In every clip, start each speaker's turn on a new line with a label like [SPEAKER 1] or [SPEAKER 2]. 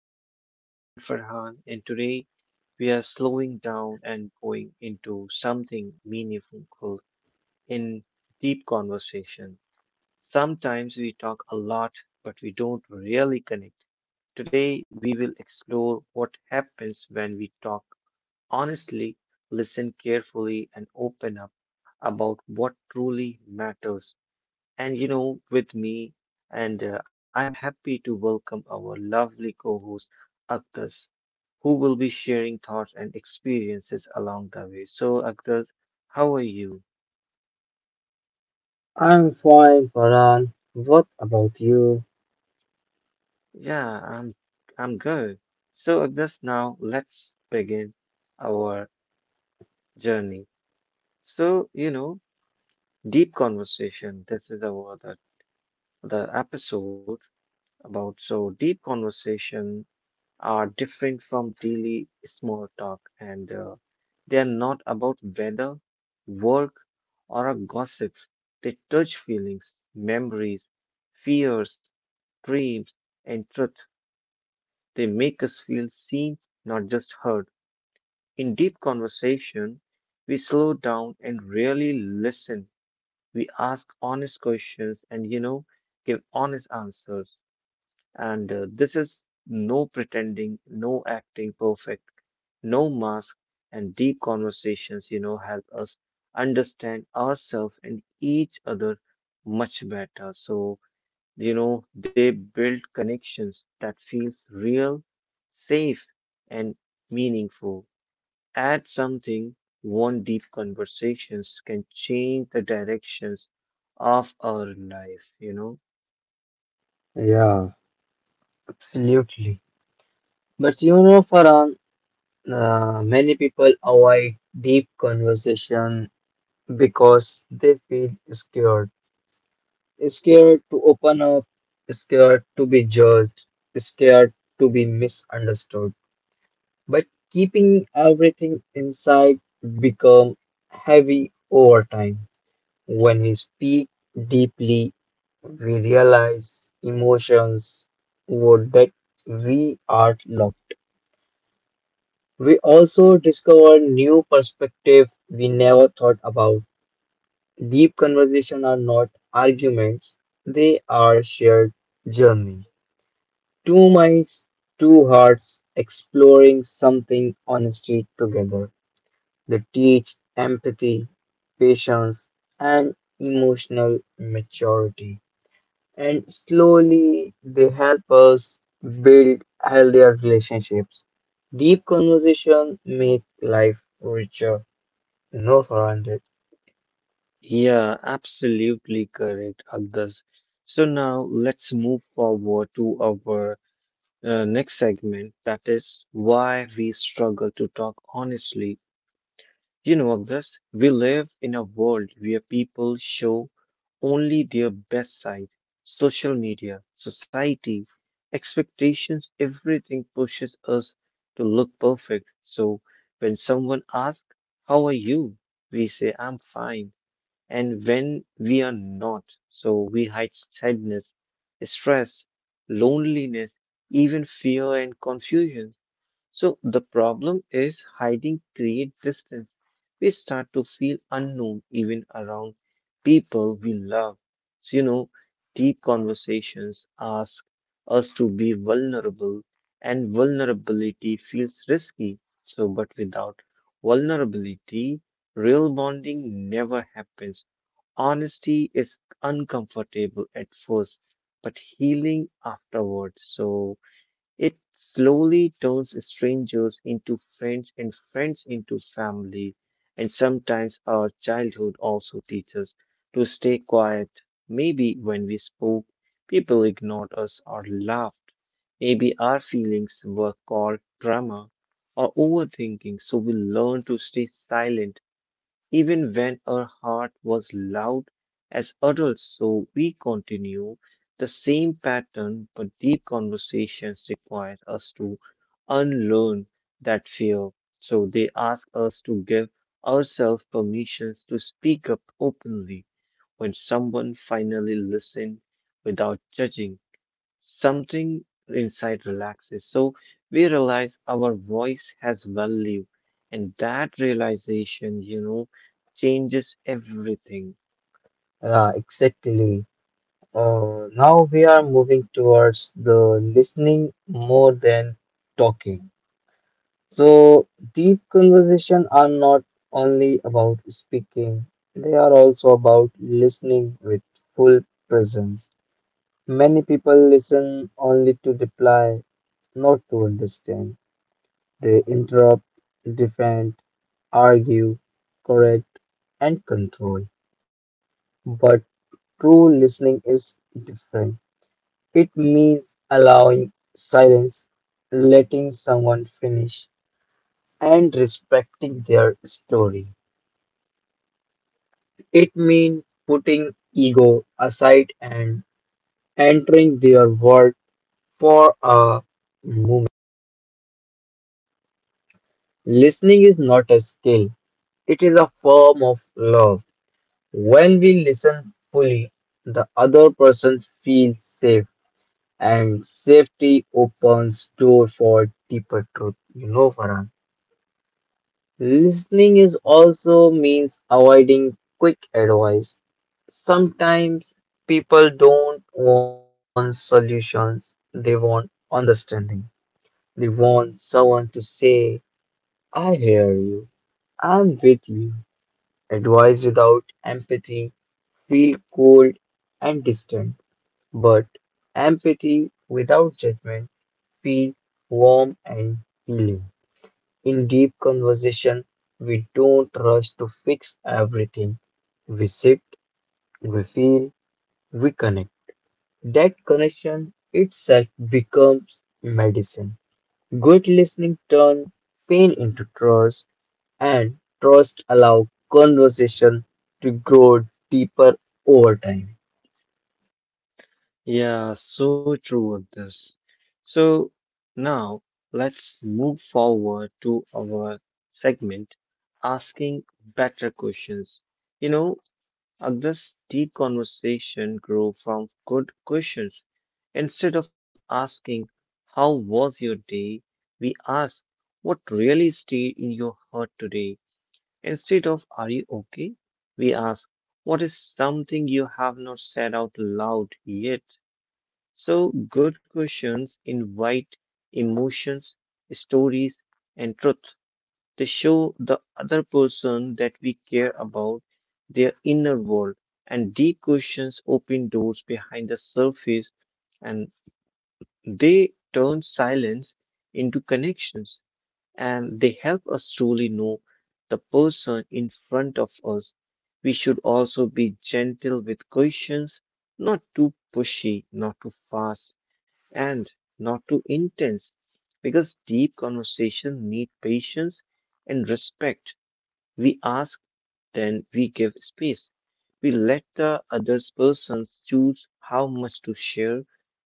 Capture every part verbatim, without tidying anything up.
[SPEAKER 1] episode. I'm Farhan, and today we are slowing down and going into something meaningful in deep conversation. Sometimes we talk a lot, but we don't really connect. Today, we will explore what happens when we talk honestly, listen carefully, and open up about what truly matters and you know, with me, and uh, I'm happy to welcome our lovely co host, Akhtas, who will be sharing thoughts and experiences along the way. So, Akhtas, how are you?
[SPEAKER 2] I'm fine, Farhan. What about you?
[SPEAKER 1] Yeah, I'm, I'm good. So, Akhtas, now let's begin our journey. So, you know, deep conversation. This is our the, the episode about so deep conversation are different from daily small talk and uh, they are not about weather, work, or a gossip. They touch feelings, memories, fears, dreams, and truth. They make us feel seen, not just heard. In deep conversation, we slow down and really listen. We ask honest questions and, you know, give honest answers. And uh, this is no pretending, no acting perfect, no mask, and deep conversations, you know, help us understand ourselves and each other much better. So, you know, they build connections that feels real, safe, and meaningful. Add something, one deep conversations can change the directions of our life, you know.
[SPEAKER 2] Yeah, absolutely. But you know, Farhan, uh, many people avoid deep conversation because they feel scared. Scared to open up, scared to be judged, scared to be misunderstood. But keeping everything inside become heavy over time. When we speak deeply, we realize emotions would that we are locked. We also discover new perspective we never thought about. Deep conversation are not arguments, they are shared journey. Two minds, two hearts exploring something honestly together. They teach empathy, patience, and emotional maturity. And slowly they help us build healthier relationships. Deep conversation make life richer. No, Farhand.
[SPEAKER 1] Yeah, absolutely correct, Agdas. So now let's move forward to our uh, next segment, that is why we struggle to talk honestly. You know, this we live in a world where people show only their best side. Social media, society, expectations, everything pushes us to look perfect. So when someone asks, how are you? We say, I'm fine, and when we are not, so we hide sadness, stress, loneliness, even fear and confusion. So the problem is hiding creates distance. We start to feel unknown even around people we love. So, you know, deep conversations ask us to be vulnerable, and vulnerability feels risky. So, but without vulnerability, real bonding never happens. Honesty is uncomfortable at first, but healing afterwards. So it slowly turns strangers into friends and friends into family. And sometimes our childhood also teaches us to stay quiet. Maybe when we spoke, people ignored us or laughed. Maybe our feelings were called drama or overthinking. So we learn to stay silent even when our heart was loud as adults. So we continue the same pattern, but deep conversations require us to unlearn that fear. So they ask us to give ourselves permissions to speak up openly. When someone finally listens without judging, something inside relaxes. So we realize our voice has value, and that realization, you know, changes everything.
[SPEAKER 2] Yeah, exactly. Uh, now we are moving towards the listening more than talking. So deep conversation are not only about speaking; they are also about listening with full presence. Many people listen only to reply not to understand. They interrupt, defend, argue, correct, and control. But true listening is different. It means allowing silence, letting someone finish, and respecting their story. It means putting ego aside and entering their world for a moment. Listening is not a skill, it is a form of love. When we listen fully, the other person feels safe and safety opens door for deeper truth. You know, Farhan. Listening is also means avoiding quick advice. Sometimes people don't want solutions, they want understanding. They want someone to say, I hear you, I'm with you. Advice without empathy feel cold and distant. But empathy without judgment feels warm and healing. In deep conversation, we don't rush to fix everything. We sit, we feel, we connect. That connection itself becomes medicine. Good listening turns pain into trust, and trust allows conversation to grow deeper over time.
[SPEAKER 1] Yeah, so true of this. So now let's move forward to our segment asking better questions. You know, Uh, this deep conversation grew from good questions. Instead of asking, how was your day? We asked, what really stayed in your heart today? Instead of, are you okay? We ask, what is something you have not said out loud yet? So, good questions invite emotions, stories, and truth to show the other person that we care about their inner world. And deep questions open doors behind the surface, and they turn silence into connections, and they help us truly know the person in front of us. We should also be gentle with questions, not too pushy, not too fast, and not too intense, because deep conversation need patience and respect. We ask, then we give space. We let the other person choose how much to share.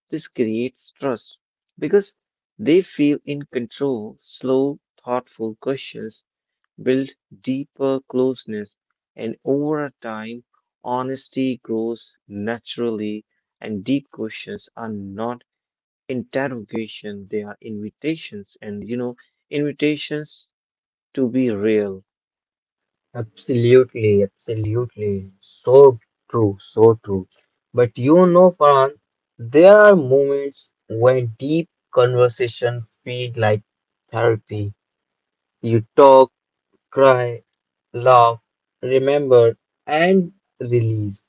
[SPEAKER 1] This creates trust because they feel in control. Slow, thoughtful questions build deeper closeness, and over time, honesty grows naturally. And deep questions are not interrogation, they are invitations, and you know, invitations to be real.
[SPEAKER 2] Absolutely, absolutely. So true, so true. But you know, Farhan, there are moments when deep conversation feel like therapy. You talk, cry, laugh, remember, and release.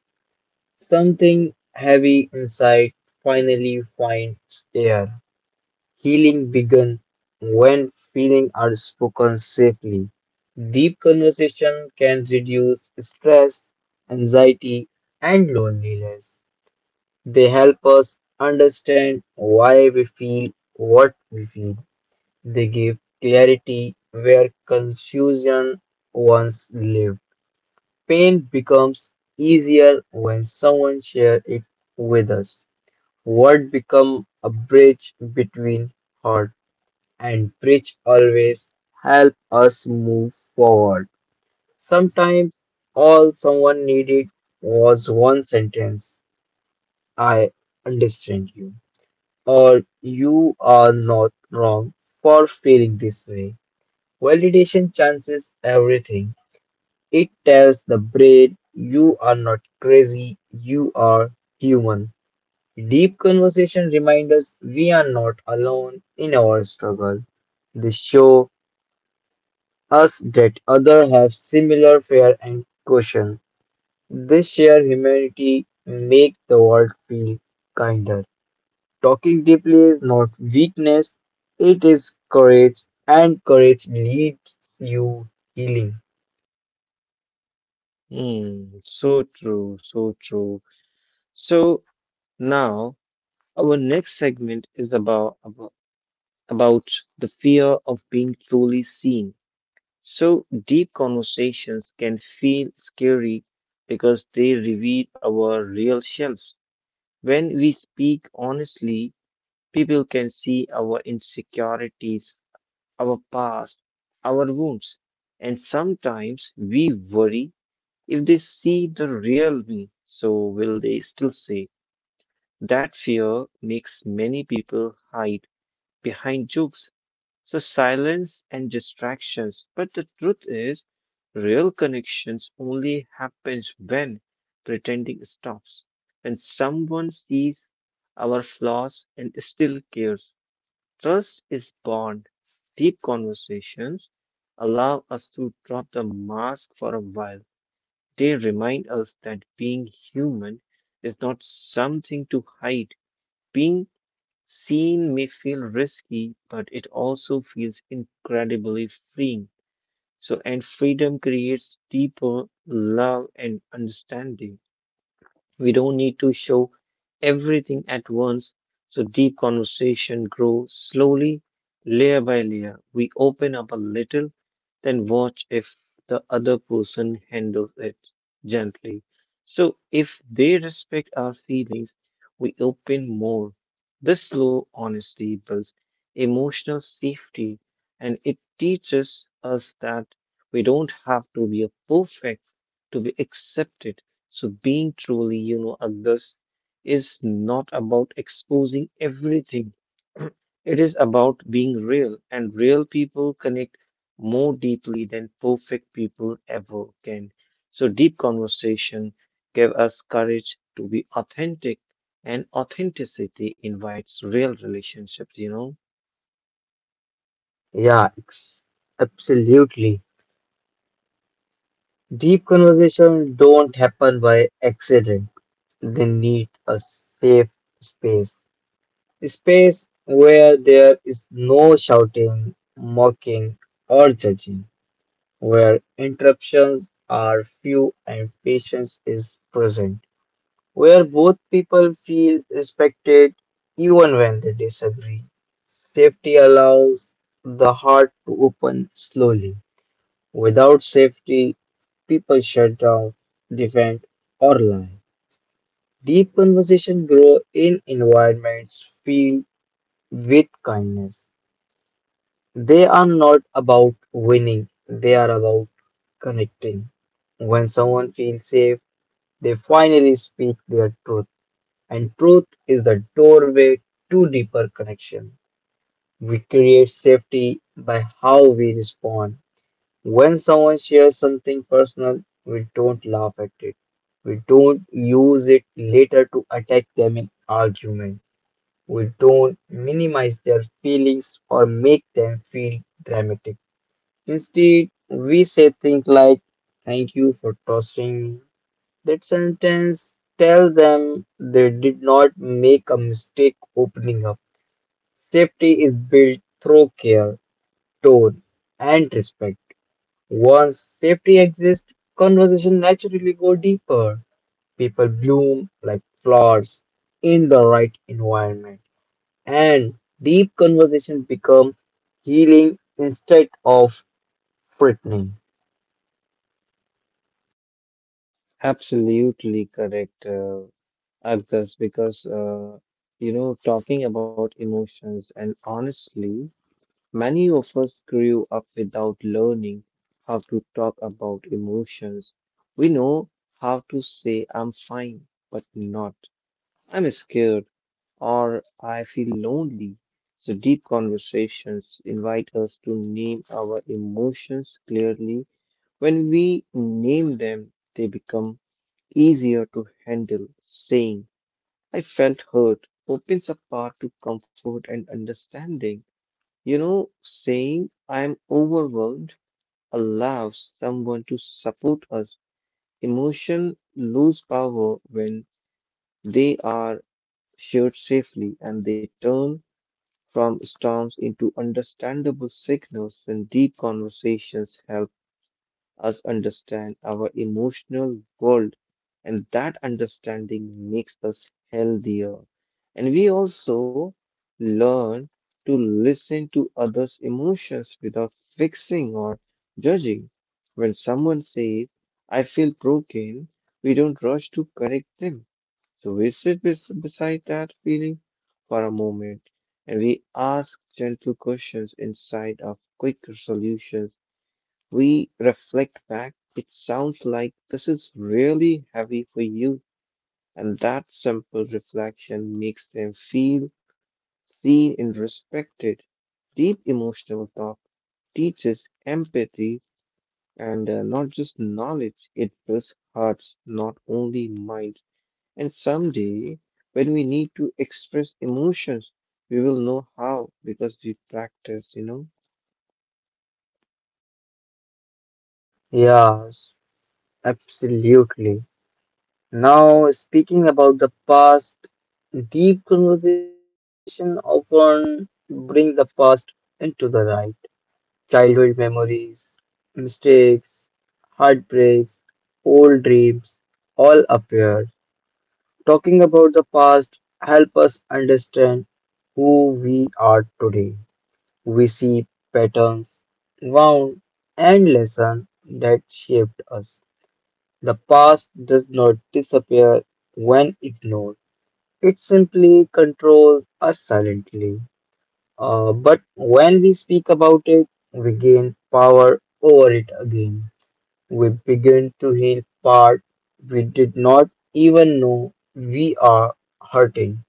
[SPEAKER 2] Something heavy inside finally finds air. Healing begins when feelings are spoken safely. Deep conversation can reduce stress, anxiety, and loneliness. They help us understand why we feel what we feel. They give clarity where confusion once lived. Pain becomes easier when someone shares it with us. Words become a bridge between hearts and bridge always help us move forward. Sometimes all someone needed was one sentence, I understand you, or you are not wrong for feeling this way. Validation chances everything. It tells the brain you are not crazy, you are human. Deep conversation remind us we are not alone in our struggle. They show us that others have similar fear and caution. This shared humanity makes the world feel kinder. Talking deeply is not weakness, it is courage, and courage leads you healing.
[SPEAKER 1] Hmm, so true, so true. So now our next segment is about, about about the fear of being truly seen. So deep conversations can feel scary because they reveal our real selves. When we speak honestly, people can see our insecurities, our past, our wounds, and sometimes we worry, if they see the real me, so will they still say. That fear makes many people hide behind jokes, so silence and distractions. But the truth is, real connections only happens when pretending stops. When someone sees our flaws and still cares, trust is born. Deep conversations allow us to drop the mask for a while. They remind us that being human is not something to hide. Being seen may feel risky, but it also feels incredibly freeing. So, and freedom creates deeper love and understanding. We don't need to show everything at once, so deep conversation grows slowly, layer by layer. We open up a little, then watch if the other person handles it gently. So if they respect our feelings, we open more. This slow honesty builds emotional safety, and it teaches us that we don't have to be a perfect to be accepted. So being truly, you know, others is not about exposing everything. It is about being real, and real people connect more deeply than perfect people ever can. So deep conversation give us courage to be authentic, and authenticity invites real relationships, you know.
[SPEAKER 2] Yeah, ex- Absolutely. Deep conversations don't happen by accident. They need a safe space. A space where there is no shouting, mocking, or judging, where interruptions are few and patience is present, where both people feel respected even when they disagree. Safety allows the heart to open slowly. Without safety, people shut down, defend, or lie. Deep conversation grow in environments filled with kindness. They are not about winning, they are about connecting. When someone feels safe, they finally speak their truth. And truth is the doorway to deeper connection. We create safety by how we respond. When someone shares something personal, we don't laugh at it. We don't use it later to attack them in argument. We don't minimize their feelings or make them feel dramatic. Instead, we say things like, Thank you for tossing that sentence. Tell them they did not make a mistake opening up. Safety is built through care, tone, and respect. Once safety exists, conversation naturally go deeper. People bloom like flowers in the right environment. And deep conversation becomes healing instead of frightening.
[SPEAKER 1] Absolutely correct, uh, Agdas, because uh, you know, talking about emotions and honestly, many of us grew up without learning how to talk about emotions. We know how to say I'm fine, but not I'm scared or I feel lonely. So deep conversations invite us to name our emotions clearly. When we name them, they become easier to handle. Saying I felt hurt opens a path to comfort and understanding. You know, saying I'm overwhelmed allows someone to support us. Emotions lose power when they are shared safely, and they turn from storms into understandable signals, and deep conversations help us understand our emotional world, and that understanding makes us healthier. And we also learn to listen to others' emotions without fixing or judging. When someone says, I feel broken, we don't rush to correct them. So we sit bes- beside that feeling for a moment, and we ask gentle questions inside of quick solutions. We reflect back, it sounds like this is really heavy for you, and that simple reflection makes them feel seen and respected. Deep emotional talk teaches empathy and uh, not just knowledge, it builds hearts, not only minds. And someday, when we need to express emotions, we will know how because we practice, you know.
[SPEAKER 2] Yeah, absolutely. Now, speaking about the past, deep conversation often bring the past into the right. Childhood memories, mistakes, heartbreaks, old dreams all appear. Talking about the past help us understand who we are today. We see patterns, wound, and lessons that shaped us. The past does not disappear when ignored. It simply controls us silently. Uh, but when we speak about it, we gain power over it again. We begin to heal part we did not even know we are hurting.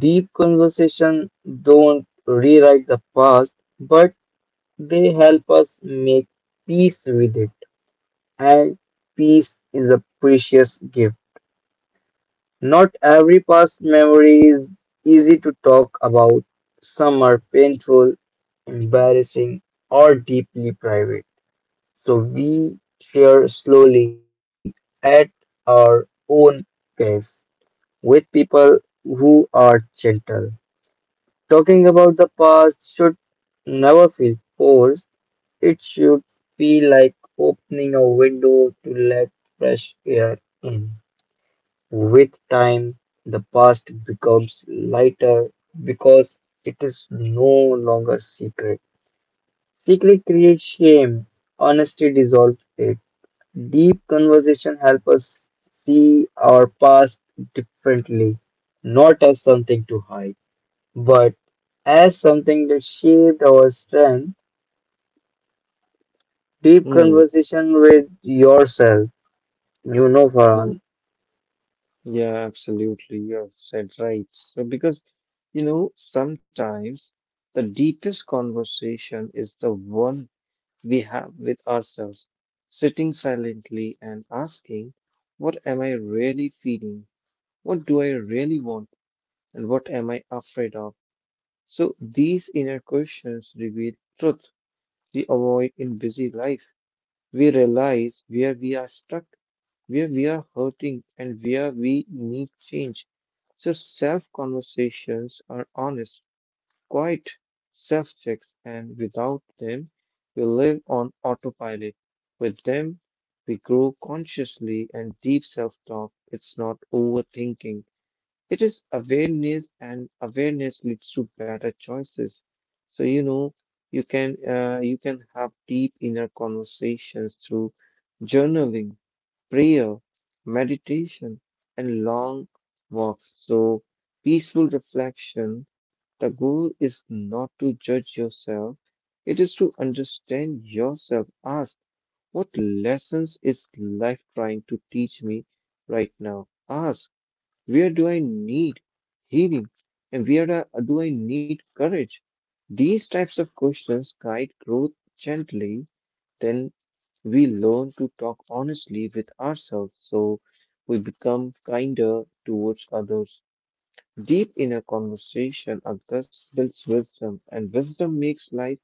[SPEAKER 2] Deep conversation don't rewrite the past, but they help us make peace with it. And peace is a precious gift. Not every past memory is easy to talk about. Some are painful, embarrassing, or deeply private. So we share slowly at our own pace with people who are gentle. Talking about the past should never feel forced. It should feel like opening a window to let fresh air in. With time, the past becomes lighter because it is no longer secret. Secret creates shame, honesty dissolves it. Deep conversation helps us see our past differently, not as something to hide, but as something that shaped our strength. Deep
[SPEAKER 1] Hmm.
[SPEAKER 2] conversation with yourself, you know, Farhan.
[SPEAKER 1] Yeah, absolutely. You've said right. So, because, you know, sometimes the deepest conversation is the one we have with ourselves, sitting silently and asking, what am I really feeling? What do I really want? And what am I afraid of? So, these inner questions reveal truth we avoid in busy life. We realize where we are stuck, where we are hurting, and where we need change. So self conversations are honest, quiet self checks, and without them, we live on autopilot. With them, we grow consciously and deep self talk. It's not overthinking. It is awareness, and awareness leads to better choices. So you know, you can uh, you can have deep inner conversations through journaling, prayer, meditation, and long walks. So peaceful reflection. The goal is not to judge yourself; it is to understand yourself. Ask what lessons is life trying to teach me right now. Ask, where do I need healing? And where do I do I need courage? These types of questions guide growth gently. Then we learn to talk honestly with ourselves, so we become kinder towards others. Deep inner conversation occurs builds wisdom, and wisdom makes life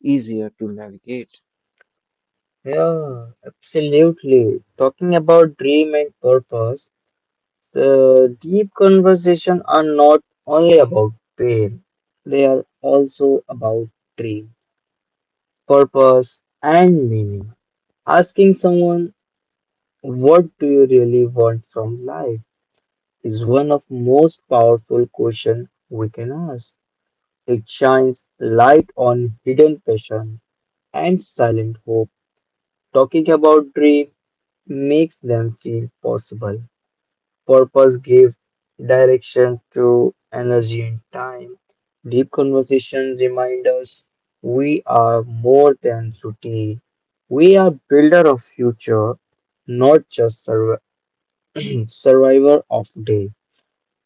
[SPEAKER 1] easier to navigate.
[SPEAKER 2] Yeah, absolutely. Talking about dream and purpose, the deep conversation are not only about pain, they are also about dream, purpose, and meaning. Asking someone, What do you really want from life? Is one of most powerful questions we can ask. It shines light on hidden passion and silent hope. Talking about dream makes them feel possible. Purpose gave direction to energy and time. Deep conversation remind us we are more than routine. We are builder of future, not just survi- survivor of day.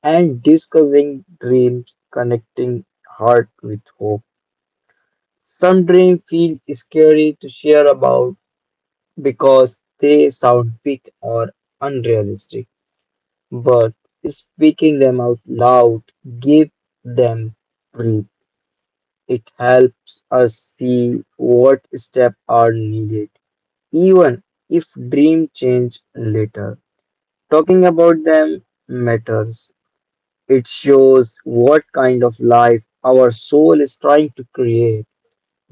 [SPEAKER 2] And discussing dreams, connecting heart with hope. Some dreams feel scary to share about because they sound big or unrealistic. But speaking them out loud, give them breath. It helps us see what steps are needed, even if dream change later. Talking about them matters. It shows what kind of life our soul is trying to create.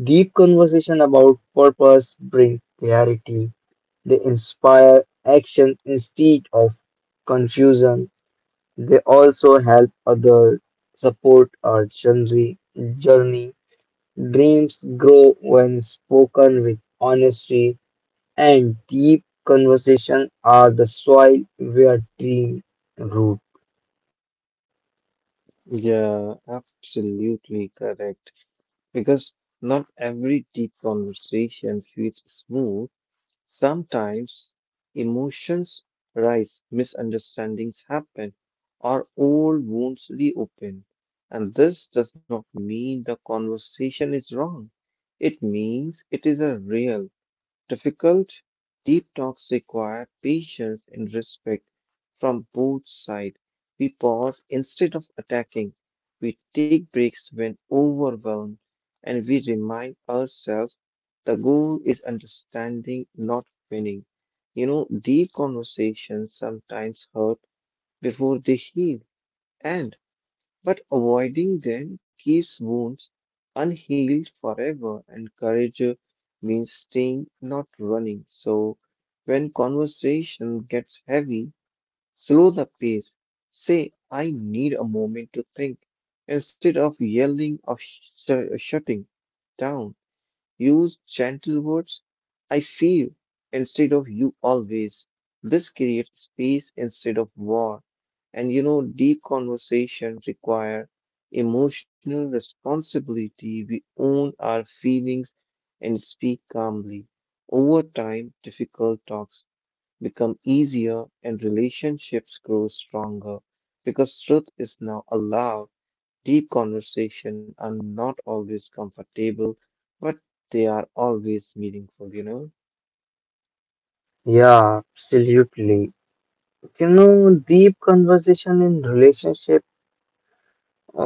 [SPEAKER 2] Deep conversation about purpose bring clarity. They inspire action instead of confusion. They also help others support our journey, journey. Dreams grow when spoken with honesty, and deep conversation are the soil where dreams root.
[SPEAKER 1] Yeah, absolutely correct. Because not every deep conversation feels smooth. Sometimes emotions rise, misunderstandings happen, or old wounds reopen. And this does not mean the conversation is wrong. It means it is a real. Difficult, deep talks require patience and respect from both sides. We pause instead of attacking. We take breaks when overwhelmed, and we remind ourselves the goal is understanding, not winning. You know, deep conversations sometimes hurt before they heal. And but avoiding them keeps wounds unhealed forever, and courage uh, means staying, not running. So, when conversation gets heavy, slow the pace. Say, I need a moment to think instead of yelling or sh- shutting down. Use gentle words. I feel instead of you always. This creates space instead of war. And you know, deep conversation require emotional responsibility. We own our feelings and speak calmly. Over time, difficult talks become easier and relationships grow stronger because truth is now allowed. Deep conversation are not always comfortable, but they are always meaningful, you know?
[SPEAKER 2] Yeah, absolutely. You know, deep conversation in relationship,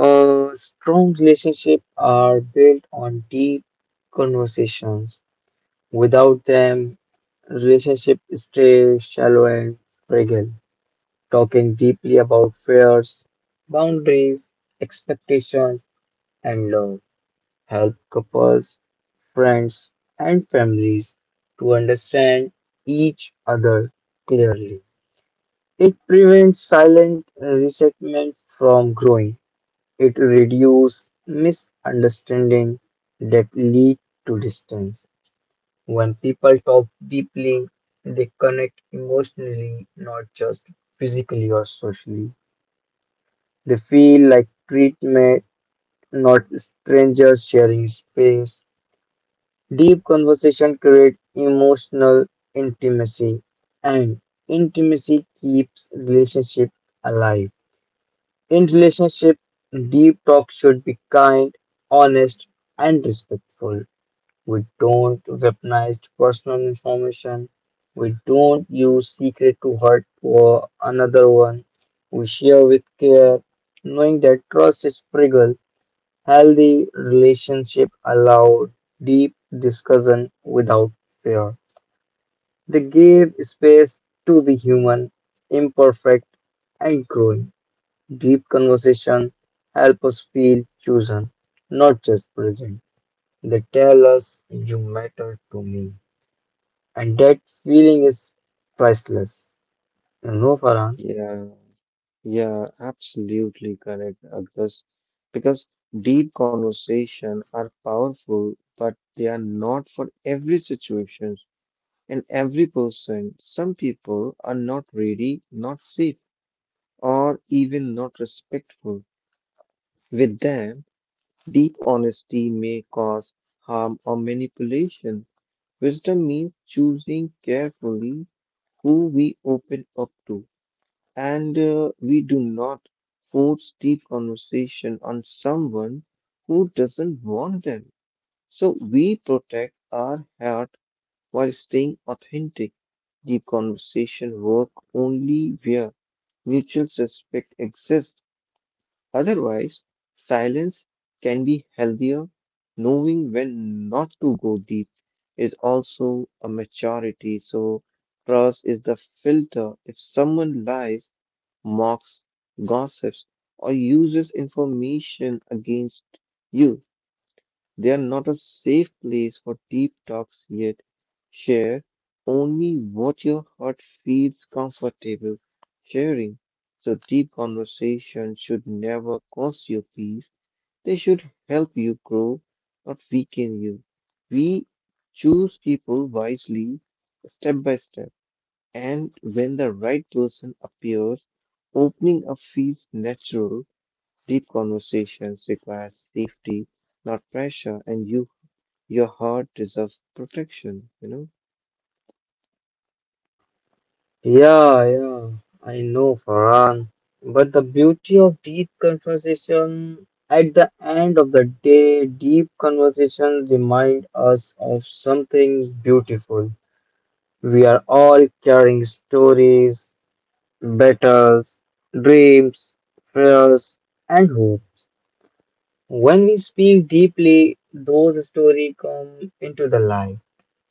[SPEAKER 2] uh, strong relationship are built on deep conversations. Without them, relationship stay shallow and fragile. Talking deeply about fears, boundaries, expectations, and love. Help couples, friends, and families to understand each other clearly. It prevents silent resentment from growing. It reduces misunderstanding that lead to distance. When people talk deeply, they connect emotionally, not just physically or socially. They feel like treatment, not strangers sharing space. Deep conversation creates emotional intimacy, and intimacy keeps relationship alive. In relationship, deep talk should be kind, honest, and respectful. We don't weaponize personal information. We don't use secret to hurt or another one. We share with care, knowing that trust is fragile. Healthy relationship allowed deep discussion without fear. They gave space to be human, imperfect, and growing. Deep conversation help us feel chosen, not just present. They tell us you matter to me, and that feeling is priceless. You know, Farhan.
[SPEAKER 1] Yeah, yeah, absolutely correct, Agdas. Because deep conversation are powerful, but they are not for every situation and every person. Some people are not ready, not safe, or even not respectful. With them, deep honesty may cause harm or manipulation. Wisdom means choosing carefully who we open up to, and uh, we do not force deep conversation on someone who doesn't want them. So we protect our heart while staying authentic. Deep conversation work only where mutual respect exists. Otherwise, silence can be healthier. Knowing when not to go deep is also a maturity. So, trust is the filter. If someone lies, mocks, gossips, or uses information against you, they are not a safe place for deep talks yet. Share only what your heart feels comfortable sharing. So deep conversations should never cost you peace. They should help you grow, not weaken you. We choose people wisely, step by step. And when the right person appears, opening up feels natural. Deep conversations require safety, not pressure, and you your heart deserves protection, you know?
[SPEAKER 2] Yeah, yeah, I know, Farhan. But the beauty of deep conversation, at the end of the day, deep conversation remind us of something beautiful. We are all carrying stories, battles, dreams, fears, and hopes. When we speak deeply, those stories come into the light.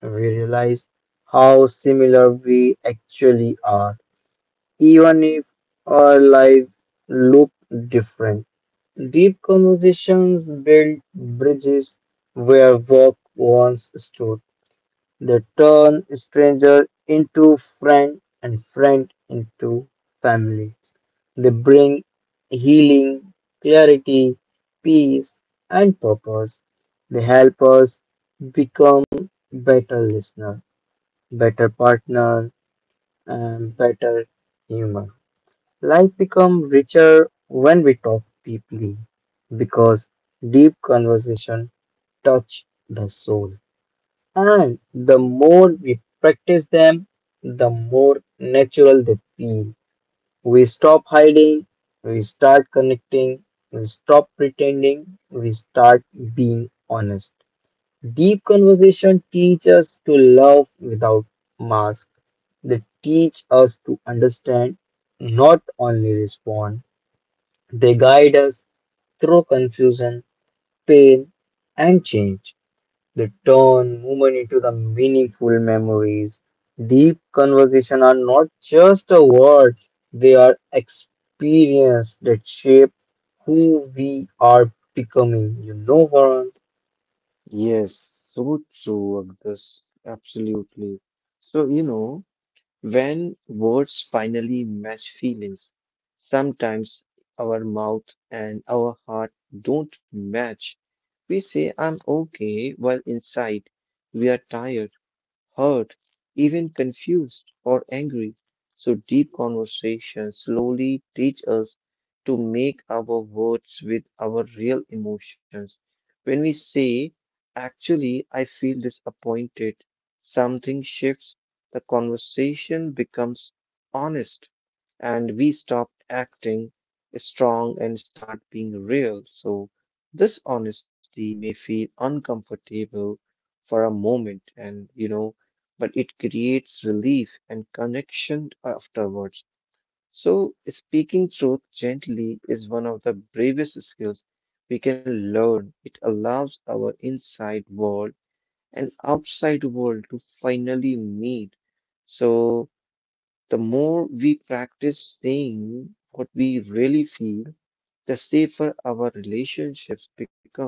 [SPEAKER 2] We realize how similar we actually are even if our lives look different. Deep conversations build bridges where work once stood. They turn stranger into friend and friend into family. They bring healing, clarity, peace, and purpose. They help us become better listener, better partner, and better human. Life becomes richer when we talk deeply because deep conversation touch the soul. And the more we practice them, the more natural they feel. We stop hiding, we start connecting, we stop pretending, we start being honest. Deep conversation teach us to love without mask. They teach us to understand, not only respond. They guide us through confusion, pain, and change. They turn movement into the meaningful memories. Deep conversation are not just a word, they are experience that shape who we are becoming. You know, Farhan?
[SPEAKER 1] Yes, so true, Agdas. Absolutely. So, you know, when words finally match feelings, sometimes our mouth and our heart don't match. We say, I'm okay, while inside we are tired, hurt, even confused or angry. So deep conversations slowly teach us to make our words with our real emotions. When we say, actually, I feel disappointed, something shifts, the conversation becomes honest and we stop acting strong and start being real. So this honesty may feel uncomfortable for a moment and you know but it creates relief and connection afterwards. So, speaking truth gently is one of the bravest skills we can learn. It allows our inside world and outside world to finally meet. So, the more we practice saying what we really feel, the safer our relationships become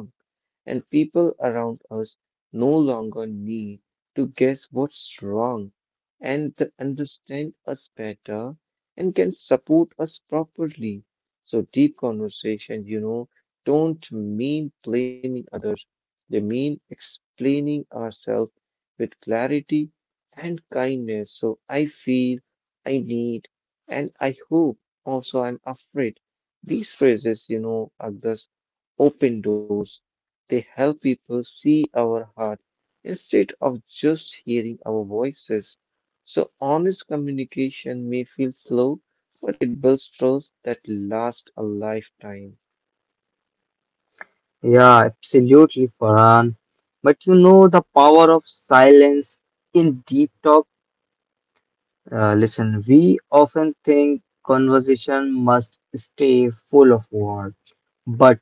[SPEAKER 1] and people around us no longer need to guess what's wrong, and they understand us better and can support us properly. So, deep conversations, you know, don't mean blaming others. They mean explaining ourselves with clarity and kindness. So I feel, I need, and I hope, also I'm afraid. These phrases, you know, are just open doors. They help people see our heart instead of just hearing our voices. So honest communication may feel slow, but it builds trust that lasts a lifetime.
[SPEAKER 2] Yeah, absolutely, Farhan. But you know the power of silence in deep talk. Uh, listen, we often think conversation must stay full of words, but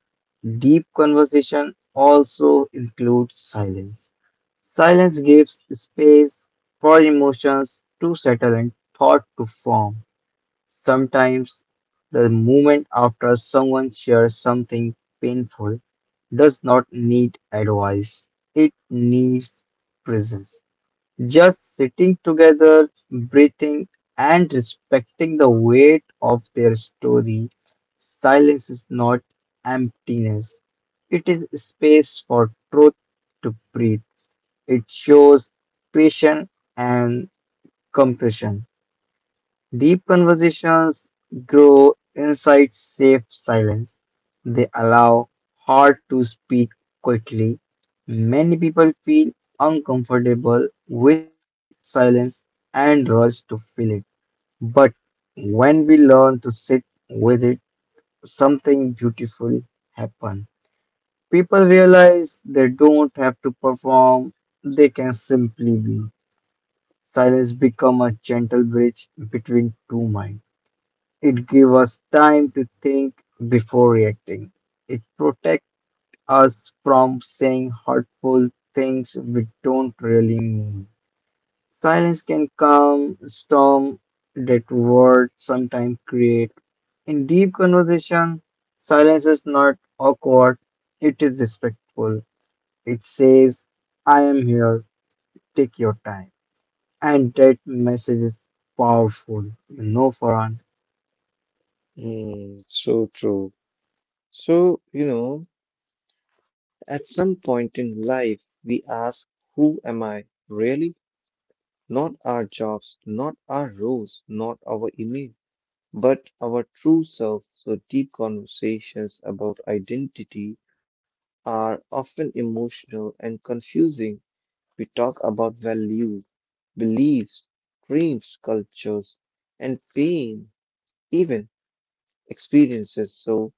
[SPEAKER 2] deep conversation also includes silence. Silence gives space for emotions to settle and thought to form. Sometimes the moment after someone shares something painful does not need advice, it needs presence. Just sitting together, breathing, and respecting the weight of their story, silence is not emptiness. It is space for truth to breathe. It shows patience and compassion. Deep conversations grow inside safe silence. They allow heart to speak quickly. Many people feel uncomfortable with silence and rush to fill it. But when we learn to sit with it, something beautiful happens. People realize they don't have to perform, they can simply be. Silence become a gentle bridge between two minds. It gives us time to think before reacting. It protects us from saying hurtful things we don't really mean. Silence can calm storm that words sometimes create. In deep conversation, silence is not awkward, it is respectful. It says, I am here, take your time. And that message is powerful, you know, Farhan.
[SPEAKER 1] Mm, so true. So, you know, at some point in life, we ask, who am I, really? Not our jobs, not our roles, not our image, but our true self. So, deep conversations about identity are often emotional and confusing. We talk about values, beliefs, dreams, cultures, and pain, even experiences. So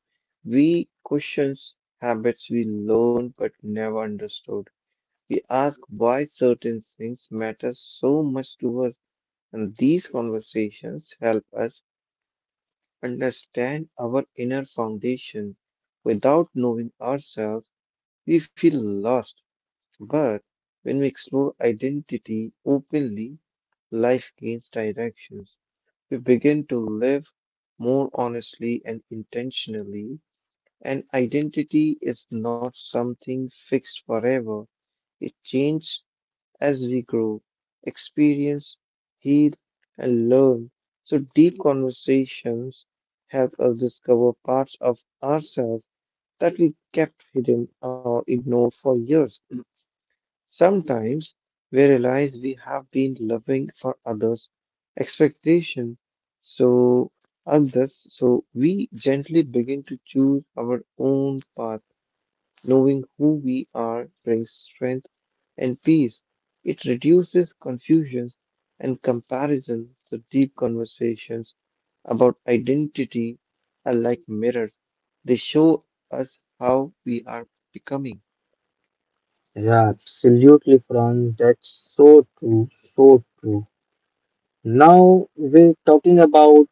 [SPEAKER 1] we question habits we learn but never understood. We ask why certain things matter so much to us, and these conversations help us understand our inner foundation. Without knowing ourselves, we feel lost, but when we explore identity openly, life gains directions. We begin to live more honestly and intentionally, and identity is not something fixed forever. It changes as we grow, experience, heal, and learn. So, deep conversations help us discover parts of ourselves that we kept hidden or ignored for years. Sometimes we realize we have been loving for others' expectation, so others so we gently begin to choose our own path. Knowing who we are brings strength and peace. It reduces confusions and comparison. So deep conversations about identity are like mirrors. They show us how we are becoming.
[SPEAKER 2] Yeah, absolutely, Fran. That's so true, so true. Now we're talking about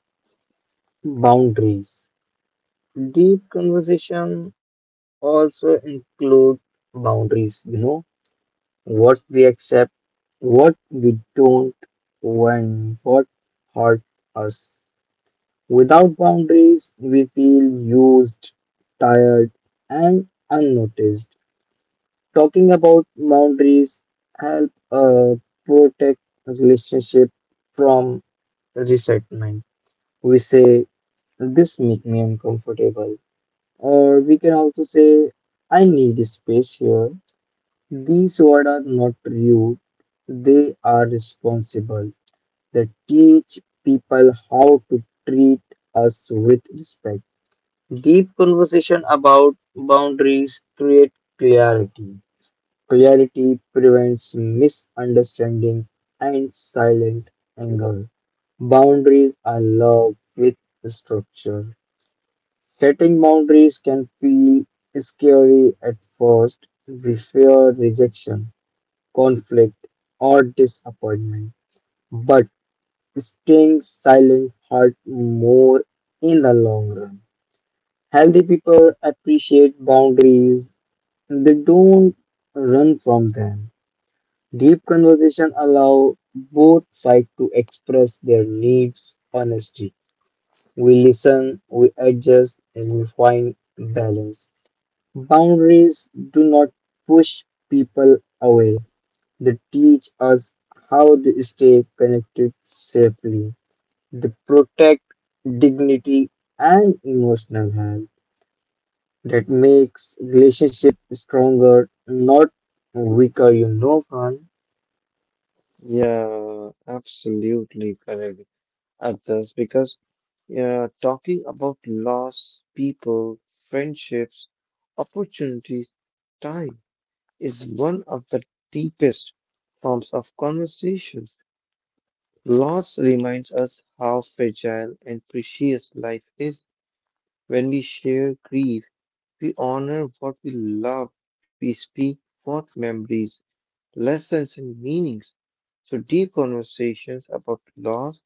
[SPEAKER 2] boundaries. Deep conversation also include boundaries, you know, what we accept, what we don't, when what hurt us. Without boundaries, we feel used, tired, and unnoticed. Talking about boundaries help uh, protect relationship from resentment. We say this make me uncomfortable, or we can also say I need space here. These words are not rude; they are responsible. They teach people how to treat us with respect. Deep conversation about boundaries create clarity. Clarity prevents misunderstanding and silent anger. Boundaries are love with structure. Setting boundaries can feel scary at first. We fear rejection, conflict, or disappointment. But staying silent hurts more in the long run. Healthy people appreciate boundaries, they don't run from them. Deep conversation allow both sides to express their needs honestly. We listen, we adjust, and we find balance. Boundaries do not push people away. They teach us how to stay connected safely. They protect dignity and emotional health. That makes relationship stronger, not weaker, you know, Fran.
[SPEAKER 1] Yeah, absolutely correct. Others, because yeah, talking about loss, people, friendships, opportunities, time is one of the deepest forms of conversations. Loss reminds us how fragile and precious life is. When we share grief, we honor what we love, we speak what memories, lessons, and meanings. So, deep conversations about loss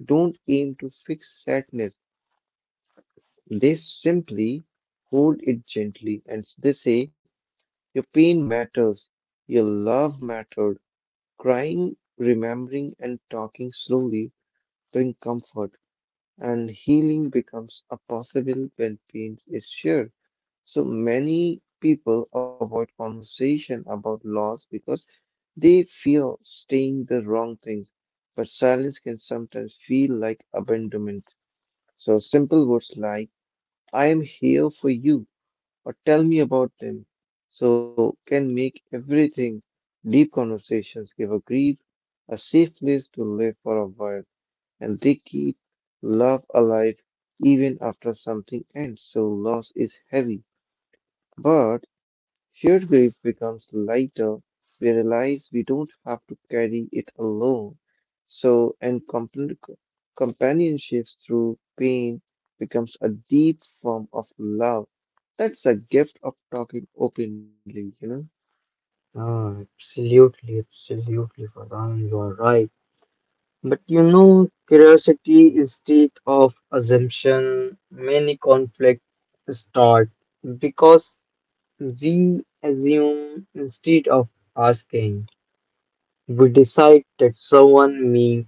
[SPEAKER 1] don't aim to fix sadness, they simply hold it gently and they say, your pain matters, your love mattered. Crying, remembering, and talking slowly bring comfort, and healing becomes a possible when pain is shared. So many people avoid conversation about loss because they fear saying the wrong things, but silence can sometimes feel like abandonment. So simple words like I am here for you or tell me about them so can make everything. Deep conversations give a grief a safe place to live for a while, and they keep love alive even after something ends. So loss is heavy, but shared grief becomes lighter. We realize we don't have to carry it alone. So, and compan- companionship through pain becomes a deep form of love. That's the gift of talking openly, you know?
[SPEAKER 2] Oh, absolutely, absolutely, Farhan, you're right. But you know, curiosity instead of assumption, many conflicts start because we assume instead of asking. We decide that someone means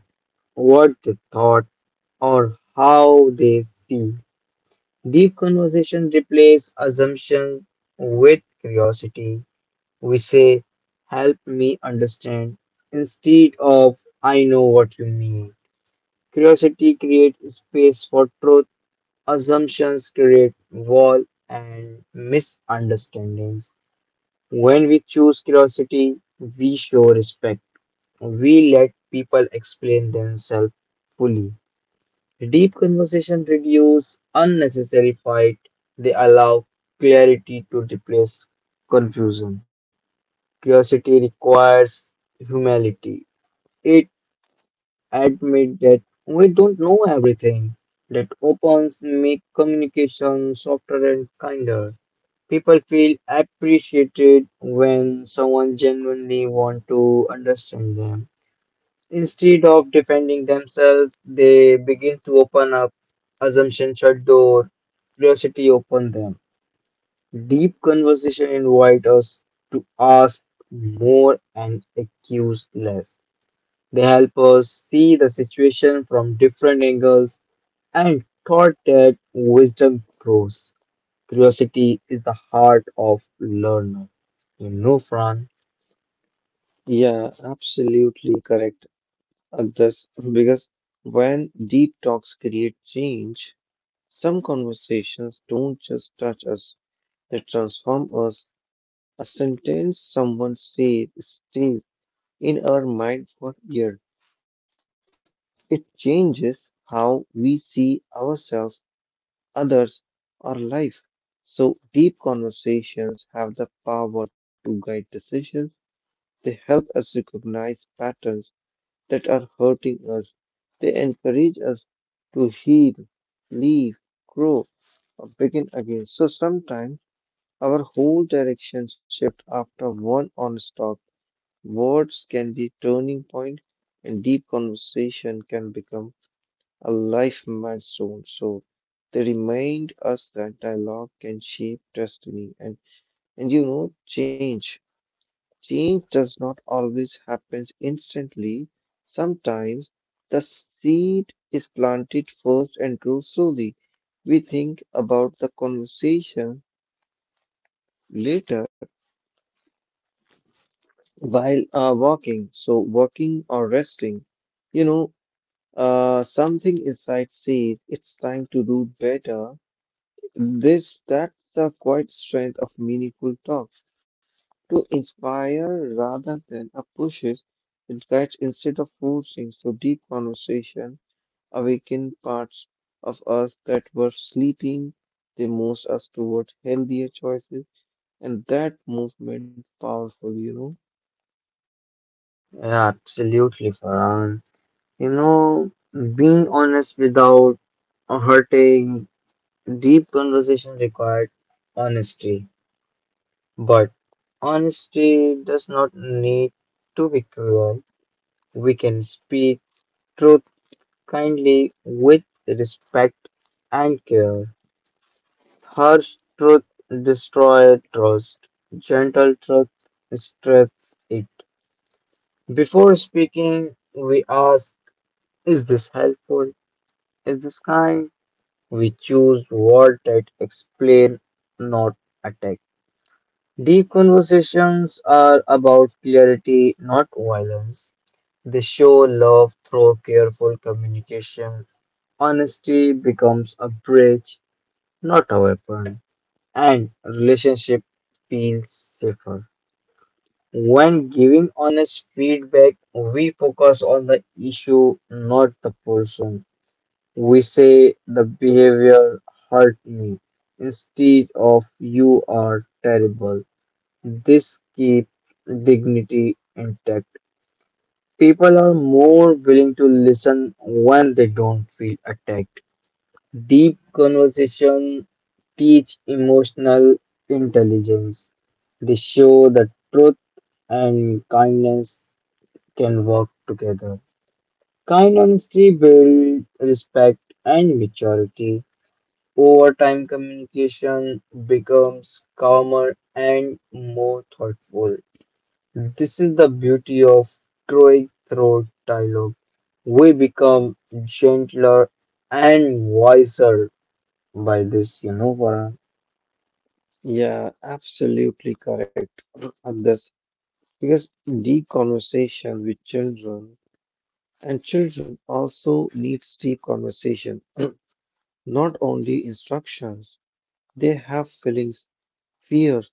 [SPEAKER 2] what they thought or how they feel. Deep conversation replace assumption with curiosity. We say, help me understand, instead of, I know what you mean. Curiosity creates space for truth, assumptions create wall and misunderstandings. When we choose curiosity, we show respect. We let people explain themselves fully. Deep conversation reduce unnecessary fight. They allow clarity to replace confusion. Curiosity requires humility. It admits that we don't know everything. That opens make communication softer and kinder. People feel appreciated when someone genuinely wants to understand them. Instead of defending themselves, they begin to open up. Assumption shut door. Curiosity open them. Deep conversation invite us to ask more and accuse less. They help us see the situation from different angles and thought that wisdom grows. Curiosity is the heart of learner. You know, Fran?
[SPEAKER 1] Yeah, absolutely correct, Agdas, because when deep talks create change, some conversations don't just touch us, they transform us. A sentence someone says stays in our mind for years. It changes how we see ourselves, others, or life. So, deep conversations have the power to guide decisions. They help us recognize patterns that are hurting us. They encourage us to heal, leave, grow, or begin again. So, sometimes our whole direction shift after one onslaught. Words can be turning point, and deep conversation can become a life milestone. So they remind us that dialogue can shape destiny and, and you know change. Change does not always happen instantly. Sometimes the seed is planted first and grows slowly. We think about the conversation later while uh, walking, so working or resting, you know, uh, something inside says it's time to do better. This that's the quiet strength of meaningful talk to inspire rather than a pushes and guides instead of forcing. So deep conversation awaken parts of us that were sleeping. They moves us toward healthier choices, and that movement powerful, you know.
[SPEAKER 2] Yeah, absolutely, Fran. You know, being honest without hurting, deep conversation required honesty. But honesty does not need to be cruel. We can speak truth kindly with respect and care. Harsh truth destroys trust. Gentle truth strengthens it. Before speaking, we ask, is this helpful? Is this kind? We choose words that explain, not attack. Deep conversations are about clarity, not violence. They show love through careful communication. Honesty becomes a bridge, not a weapon, and relationship feels safer. When giving honest feedback, we focus on the issue, not the person. We say the behavior hurt me instead of you are terrible. This keeps dignity intact. People are more willing to listen when they don't feel attacked. Deep conversation teach emotional intelligence. They show that truth and kindness can work together. Kind honesty builds respect and maturity. Over time, communication becomes calmer and more thoughtful. This is the beauty of growing through dialogue. We become gentler and wiser by this, you know, Farhan.
[SPEAKER 1] Yeah, absolutely correct on this because deep conversation with children, and children also needs deep conversation, not only instructions. They have feelings, fears,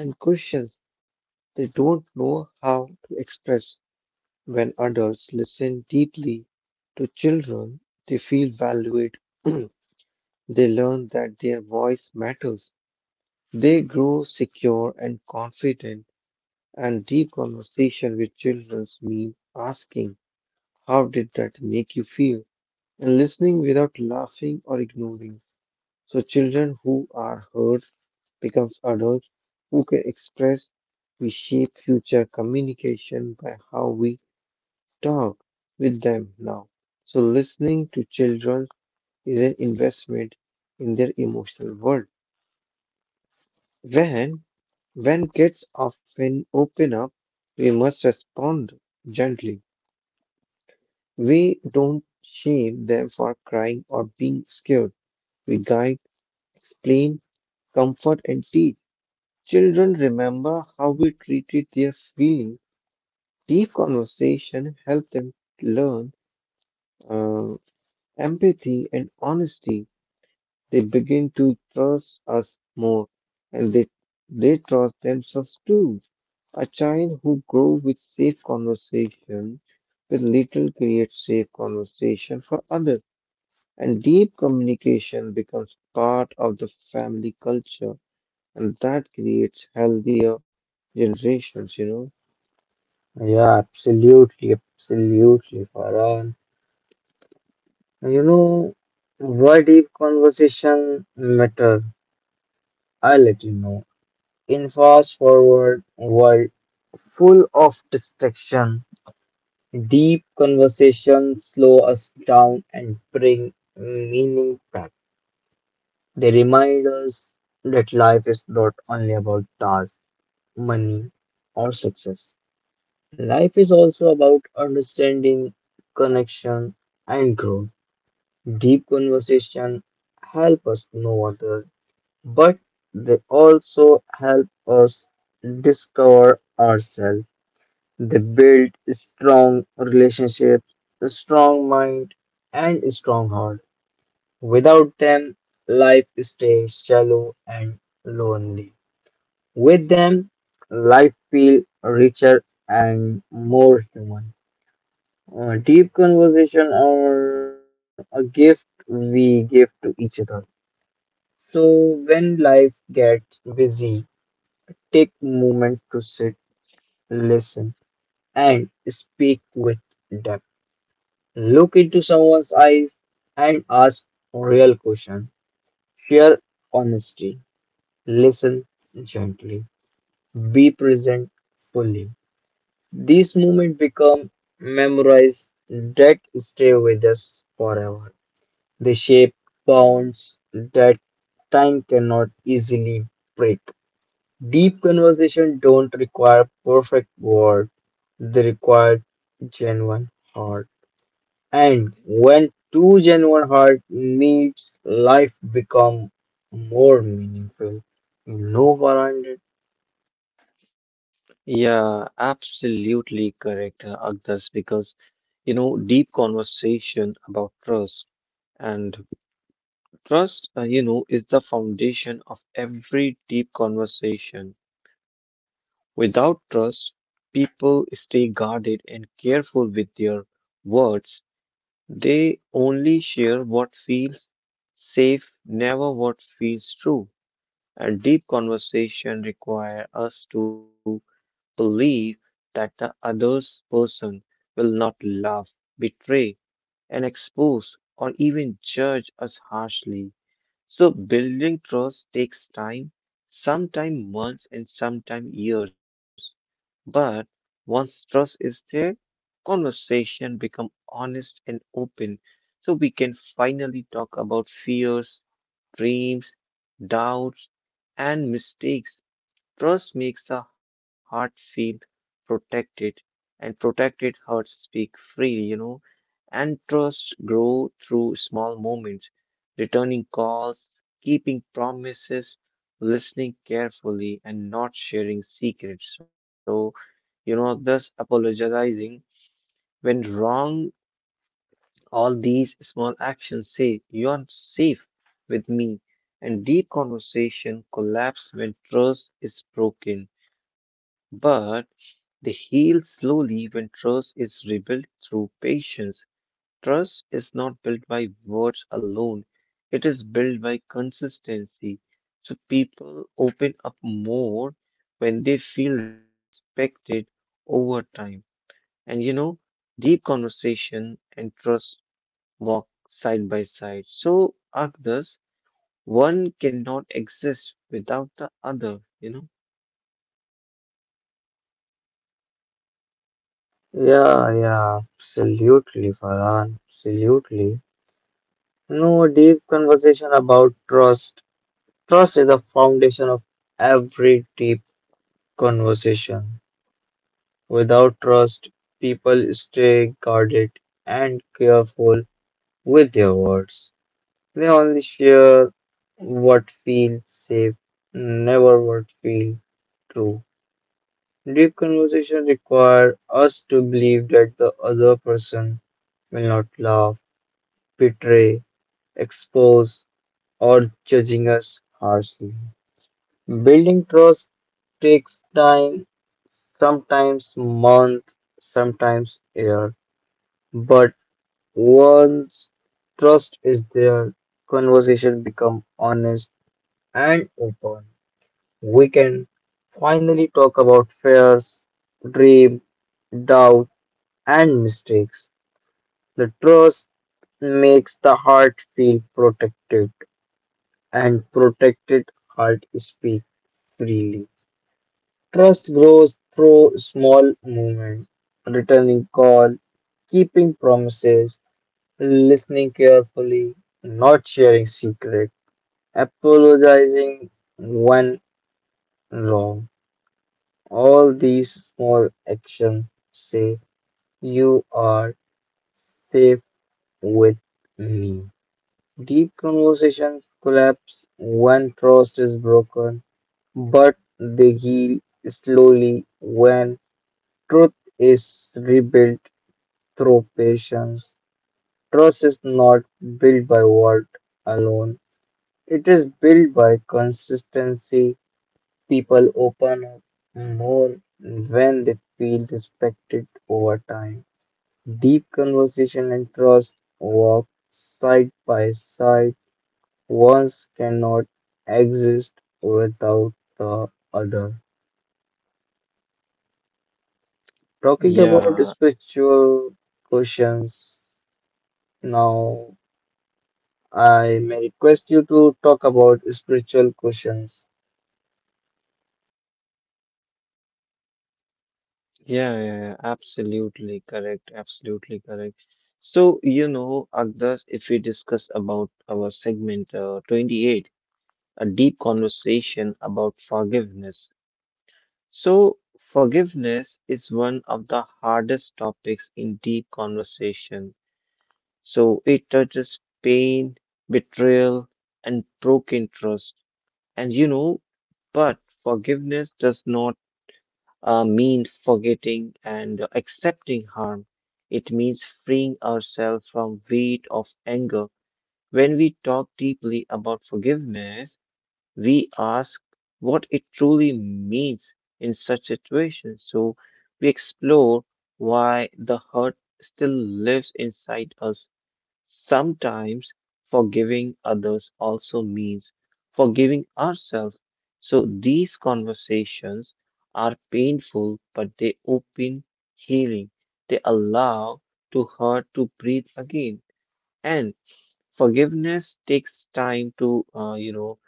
[SPEAKER 1] and questions they don't know how to express. When adults listen deeply to children, they feel valued. They learn that their voice matters. They grow secure and confident, and deep conversation with children mean asking, how did that make you feel, and listening without laughing or ignoring. So, children who are heard becomes adults who can express. We shape future communication by how we talk with them now. So, listening to children is an investment in their emotional world. When when kids often open up, we must respond gently. We don't shame them for crying or being scared. We guide, explain, comfort, and teach. Children remember how we treated their feelings. Deep conversation helps them learn uh, empathy and honesty. They begin to trust us more, and they they trust themselves too. A child who grows with safe conversation with little creates safe conversation for others. And deep communication becomes part of the family culture, and that creates healthier generations, you know.
[SPEAKER 2] Yeah, absolutely, absolutely, Farhan. You know, why deep conversation matter? I let you know. In fast forward world full of distraction, deep conversation slow us down and bring meaning back. They remind us that life is not only about tasks, money, or success. Life is also about understanding, connection, and growth. Deep conversation help us know others, but they also help us discover ourselves. They build strong relationships, a strong mind, and a strong heart. Without them, life stays shallow and lonely. With them, life feels richer and more human. Uh, deep conversation are a gift we give to each other. So when life gets busy, take moment to sit, listen, and speak with depth. Look into someone's eyes and ask real questions. Share honesty. Listen gently. Be present fully. These moments become memories that stay with us forever. They shape bonds that time cannot easily break. Deep conversation don't require perfect words; they require genuine heart. And when two genuine heart meets, life become more meaningful. You know, Farhan?
[SPEAKER 1] Yeah, absolutely correct, uh, Agdas, because you know, deep conversation about trust, and trust, uh, you know, is the foundation of every deep conversation. Without trust, people stay guarded and careful with their words. They only share what feels safe, never what feels true. And deep conversation require us to believe that the other's person will not laugh, betray, and expose or even judge us harshly. So building trust takes time, sometimes months and sometimes years. But once trust is there, conversation become honest and open, so we can finally talk about fears, dreams, doubts, and mistakes. Trust makes the heart feel protected, and protected hearts speak freely, you know, and trust grow through small moments, returning calls, keeping promises, listening carefully, and not sharing secrets. So, you know, thus apologizing when wrong, all these small actions say, you are safe with me, and deep conversation collapse when trust is broken. But they heal slowly when trust is rebuilt through patience. Trust is not built by words alone, it is built by consistency. So people open up more when they feel respected over time. And you know, deep conversation and trust walk side by side. So, Agnes, one cannot exist without the other, you know?
[SPEAKER 2] Yeah, yeah, absolutely, Farhan. Absolutely. No deep conversation about trust. Trust is the foundation of every deep conversation. Without trust, people stay guarded and careful with their words. They only share what feels safe, never what feels true. Deep conversation require us to believe that the other person will not laugh, betray, expose, or judging us harshly. Building trust takes time, sometimes months, sometimes year. But once trust is there, conversation become honest and open. We can finally talk about fears, dream, doubt, and mistakes. The trust makes the heart feel protected, and protected heart speak freely. Trust grows through small movements, returning call, keeping promises, listening carefully, not sharing secrets, apologizing when wrong. All these small actions say you are safe with me. Deep conversations collapse when trust is broken, but they heal slowly when truth is rebuilt through patience. Trust is not built by word alone, it is built by consistency. People open up more when they feel respected over time. Deep conversation and trust walk side by side. One cannot exist without the other. Talking about
[SPEAKER 1] Yeah,
[SPEAKER 2] spiritual questions, now I may request you to talk about spiritual questions.
[SPEAKER 1] yeah, yeah, yeah, absolutely correct, absolutely correct. So, you know, Agdas, if we discuss about our segment uh, twenty-eight, a deep conversation about forgiveness. So, forgiveness is one of the hardest topics in deep conversation. So it touches pain, betrayal, and broken trust. And you know, but forgiveness does not uh, mean forgetting and accepting harm. It means freeing ourselves from weight of anger. When we talk deeply about forgiveness, we ask what it truly means in such situations. So we explore why the hurt still lives inside us. Sometimes forgiving others also means forgiving ourselves. So these conversations are painful, but they open healing. They allow to hurt to breathe again. And forgiveness takes time to, uh, you know,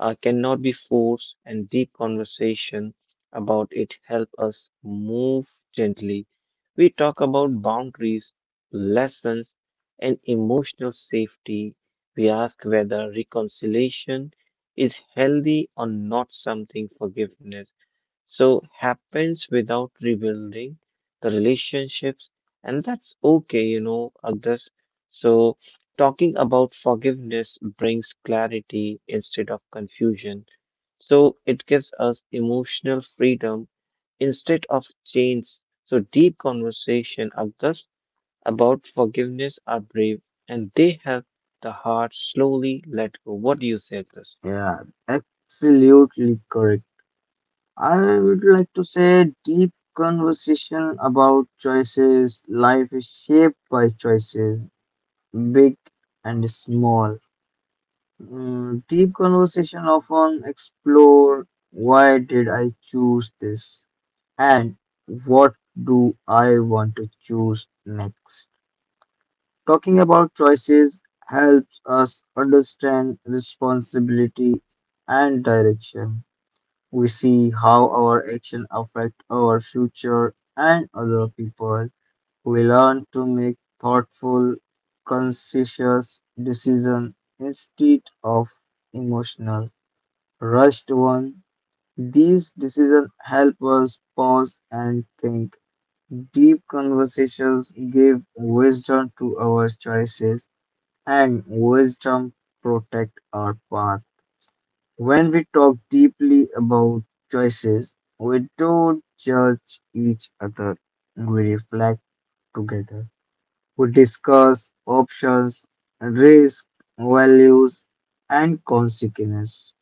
[SPEAKER 1] uh, cannot be forced, and deep conversation about it help us move gently. We talk about boundaries, lessons, and emotional safety. We ask whether reconciliation is healthy or not. Something forgiveness so happens without rebuilding the relationships, and that's okay, you know, others. So talking about forgiveness brings clarity instead of confusion, so it gives us emotional freedom instead of chains. So deep conversation others about forgiveness are brave, and they help the heart slowly let go. What do you say this?
[SPEAKER 2] Yeah, absolutely correct. I would like to say deep conversation about choices. Life is shaped by choices, big and small. Mm, deep conversation often explore why did I choose this and what do I want to choose next. Talking about choices helps us understand responsibility and direction. We see how our actions affect our future and other people. We learn to make thoughtful, conscientious decisions instead of emotional, rushed ones. These decisions help us pause and think. Deep conversations give wisdom to our choices and wisdom protect our path. When we talk deeply about choices, we don't judge each other. We reflect together. We discuss options, risk, values, and consequences.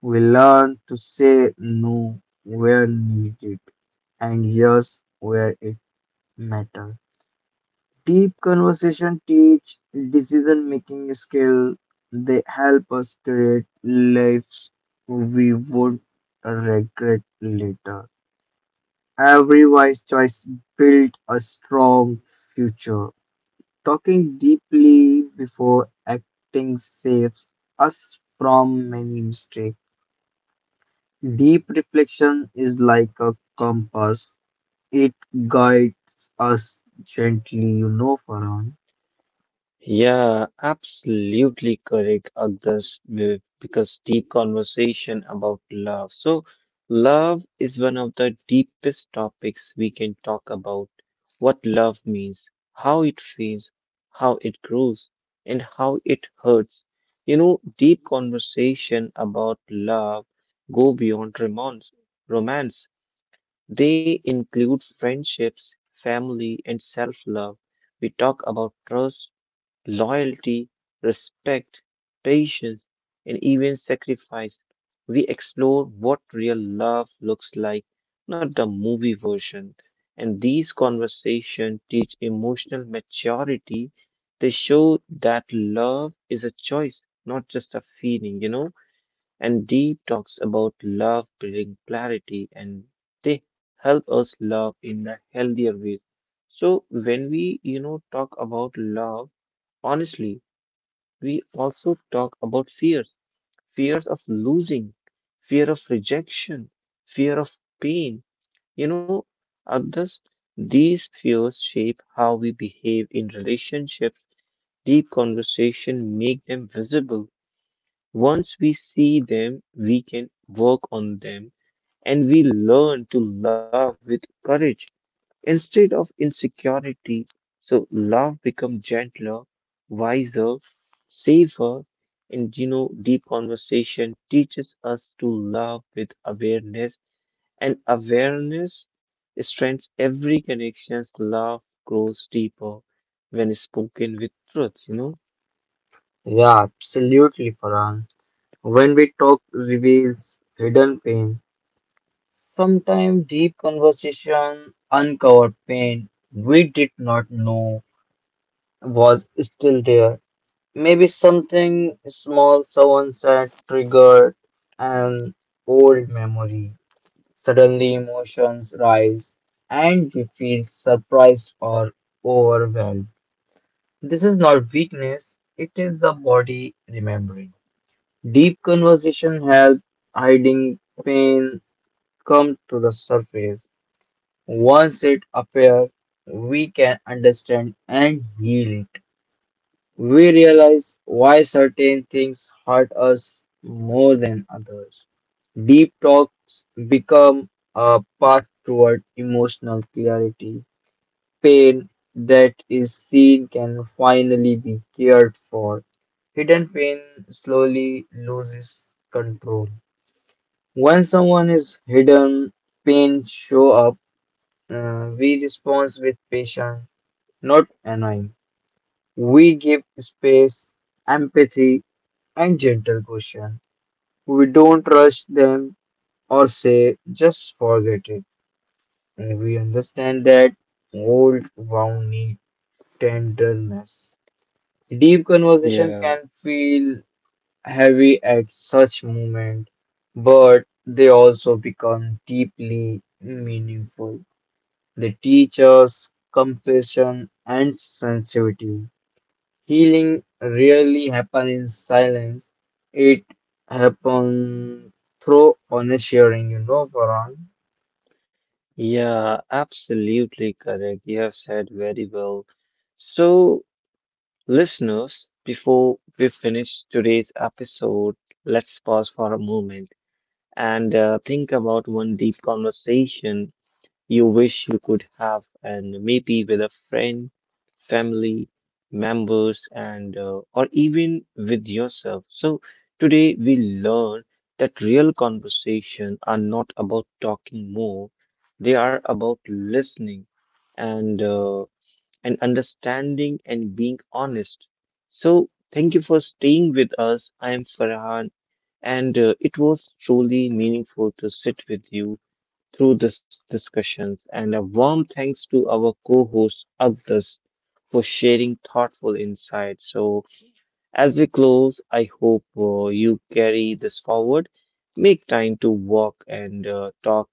[SPEAKER 2] We learn to say no where needed and yes where it matters. Deep conversation teach decision making skill. They help us create lives we would regret later. Every wise choice build a strong future. Talking deeply before acting saves us from many mistakes. Deep reflection is like a compass. It guides us gently, you know, Farhan.
[SPEAKER 1] Yeah, absolutely correct, Agdas, be- because deep conversation about love. So, love is one of the deepest topics we can talk about. What love means, how it feels, how it grows, and how it hurts. You know, deep conversation about love go beyond romance. Romance. They include friendships, family, and self-love. We talk about trust, loyalty, respect, patience, and even sacrifice. We explore what real love looks like, not the movie version. And these conversations teach emotional maturity. They show that love is a choice, not just a feeling, you know. And deep talks about love bring clarity, and they help us love in a healthier way. So when we, you know, talk about love honestly, we also talk about fears, fears of losing, fear of rejection, fear of pain. You know, others, these fears shape how we behave in relationships. Deep conversation make them visible. Once we see them, we can work on them and we learn to love with courage instead of insecurity. So love become gentler, wiser, safer, and you know, deep conversation teaches us to love with awareness, and awareness strengthens every connections. Love grows deeper when spoken with truth, you know.
[SPEAKER 2] Yeah, absolutely, Farhan. When we talk reveals hidden pain, sometimes deep conversation uncover pain we did not know was still there. Maybe something small someone said triggered an old memory. Suddenly emotions rise and we feel surprised or overwhelmed. This is not weakness, it is the body remembering. Deep conversation help hiding pain come to the surface. Once it appears, we can understand and heal it. We realize why certain things hurt us more than others. Deep talks become a path toward emotional clarity. Pain that is seen can finally be cared for. Hidden pain slowly loses control. When someone is hidden, pain show up. Uh, we respond with patience, not annoying. We give space, empathy, and gentle question. We don't rush them or say just forget it. We understand that old wound need tenderness. Deep conversation
[SPEAKER 1] Yeah,
[SPEAKER 2] can feel heavy at such moment, but they also become deeply meaningful. They teach us compassion and sensitivity. Healing rarely happens in silence. It happens through honest sharing, you know, Farhan.
[SPEAKER 1] yeah, absolutely correct. You have said very well. So, listeners, before we finish today's episode, let's pause for a moment and uh, think about one deep conversation you wish you could have, and maybe with a friend, family members, and uh, or even with yourself. So today we learn that real conversations are not about talking more; they are about listening and. Uh, and understanding and being honest. So, thank you for staying with us. I am Farhan, and uh, it was truly meaningful to sit with you through this discussions. And a warm thanks to our co-host Abdas for sharing thoughtful insights. So, as we close, I hope uh, you carry this forward. Make time to walk and uh, talk.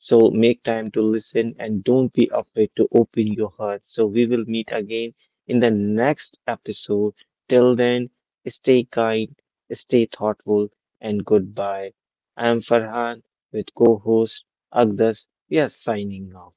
[SPEAKER 1] So make time to listen and don't be afraid to open your heart. So we will meet again in the next episode. Till then, stay kind, stay thoughtful, and goodbye. I am Farhan with co-host Agdas. We are signing off.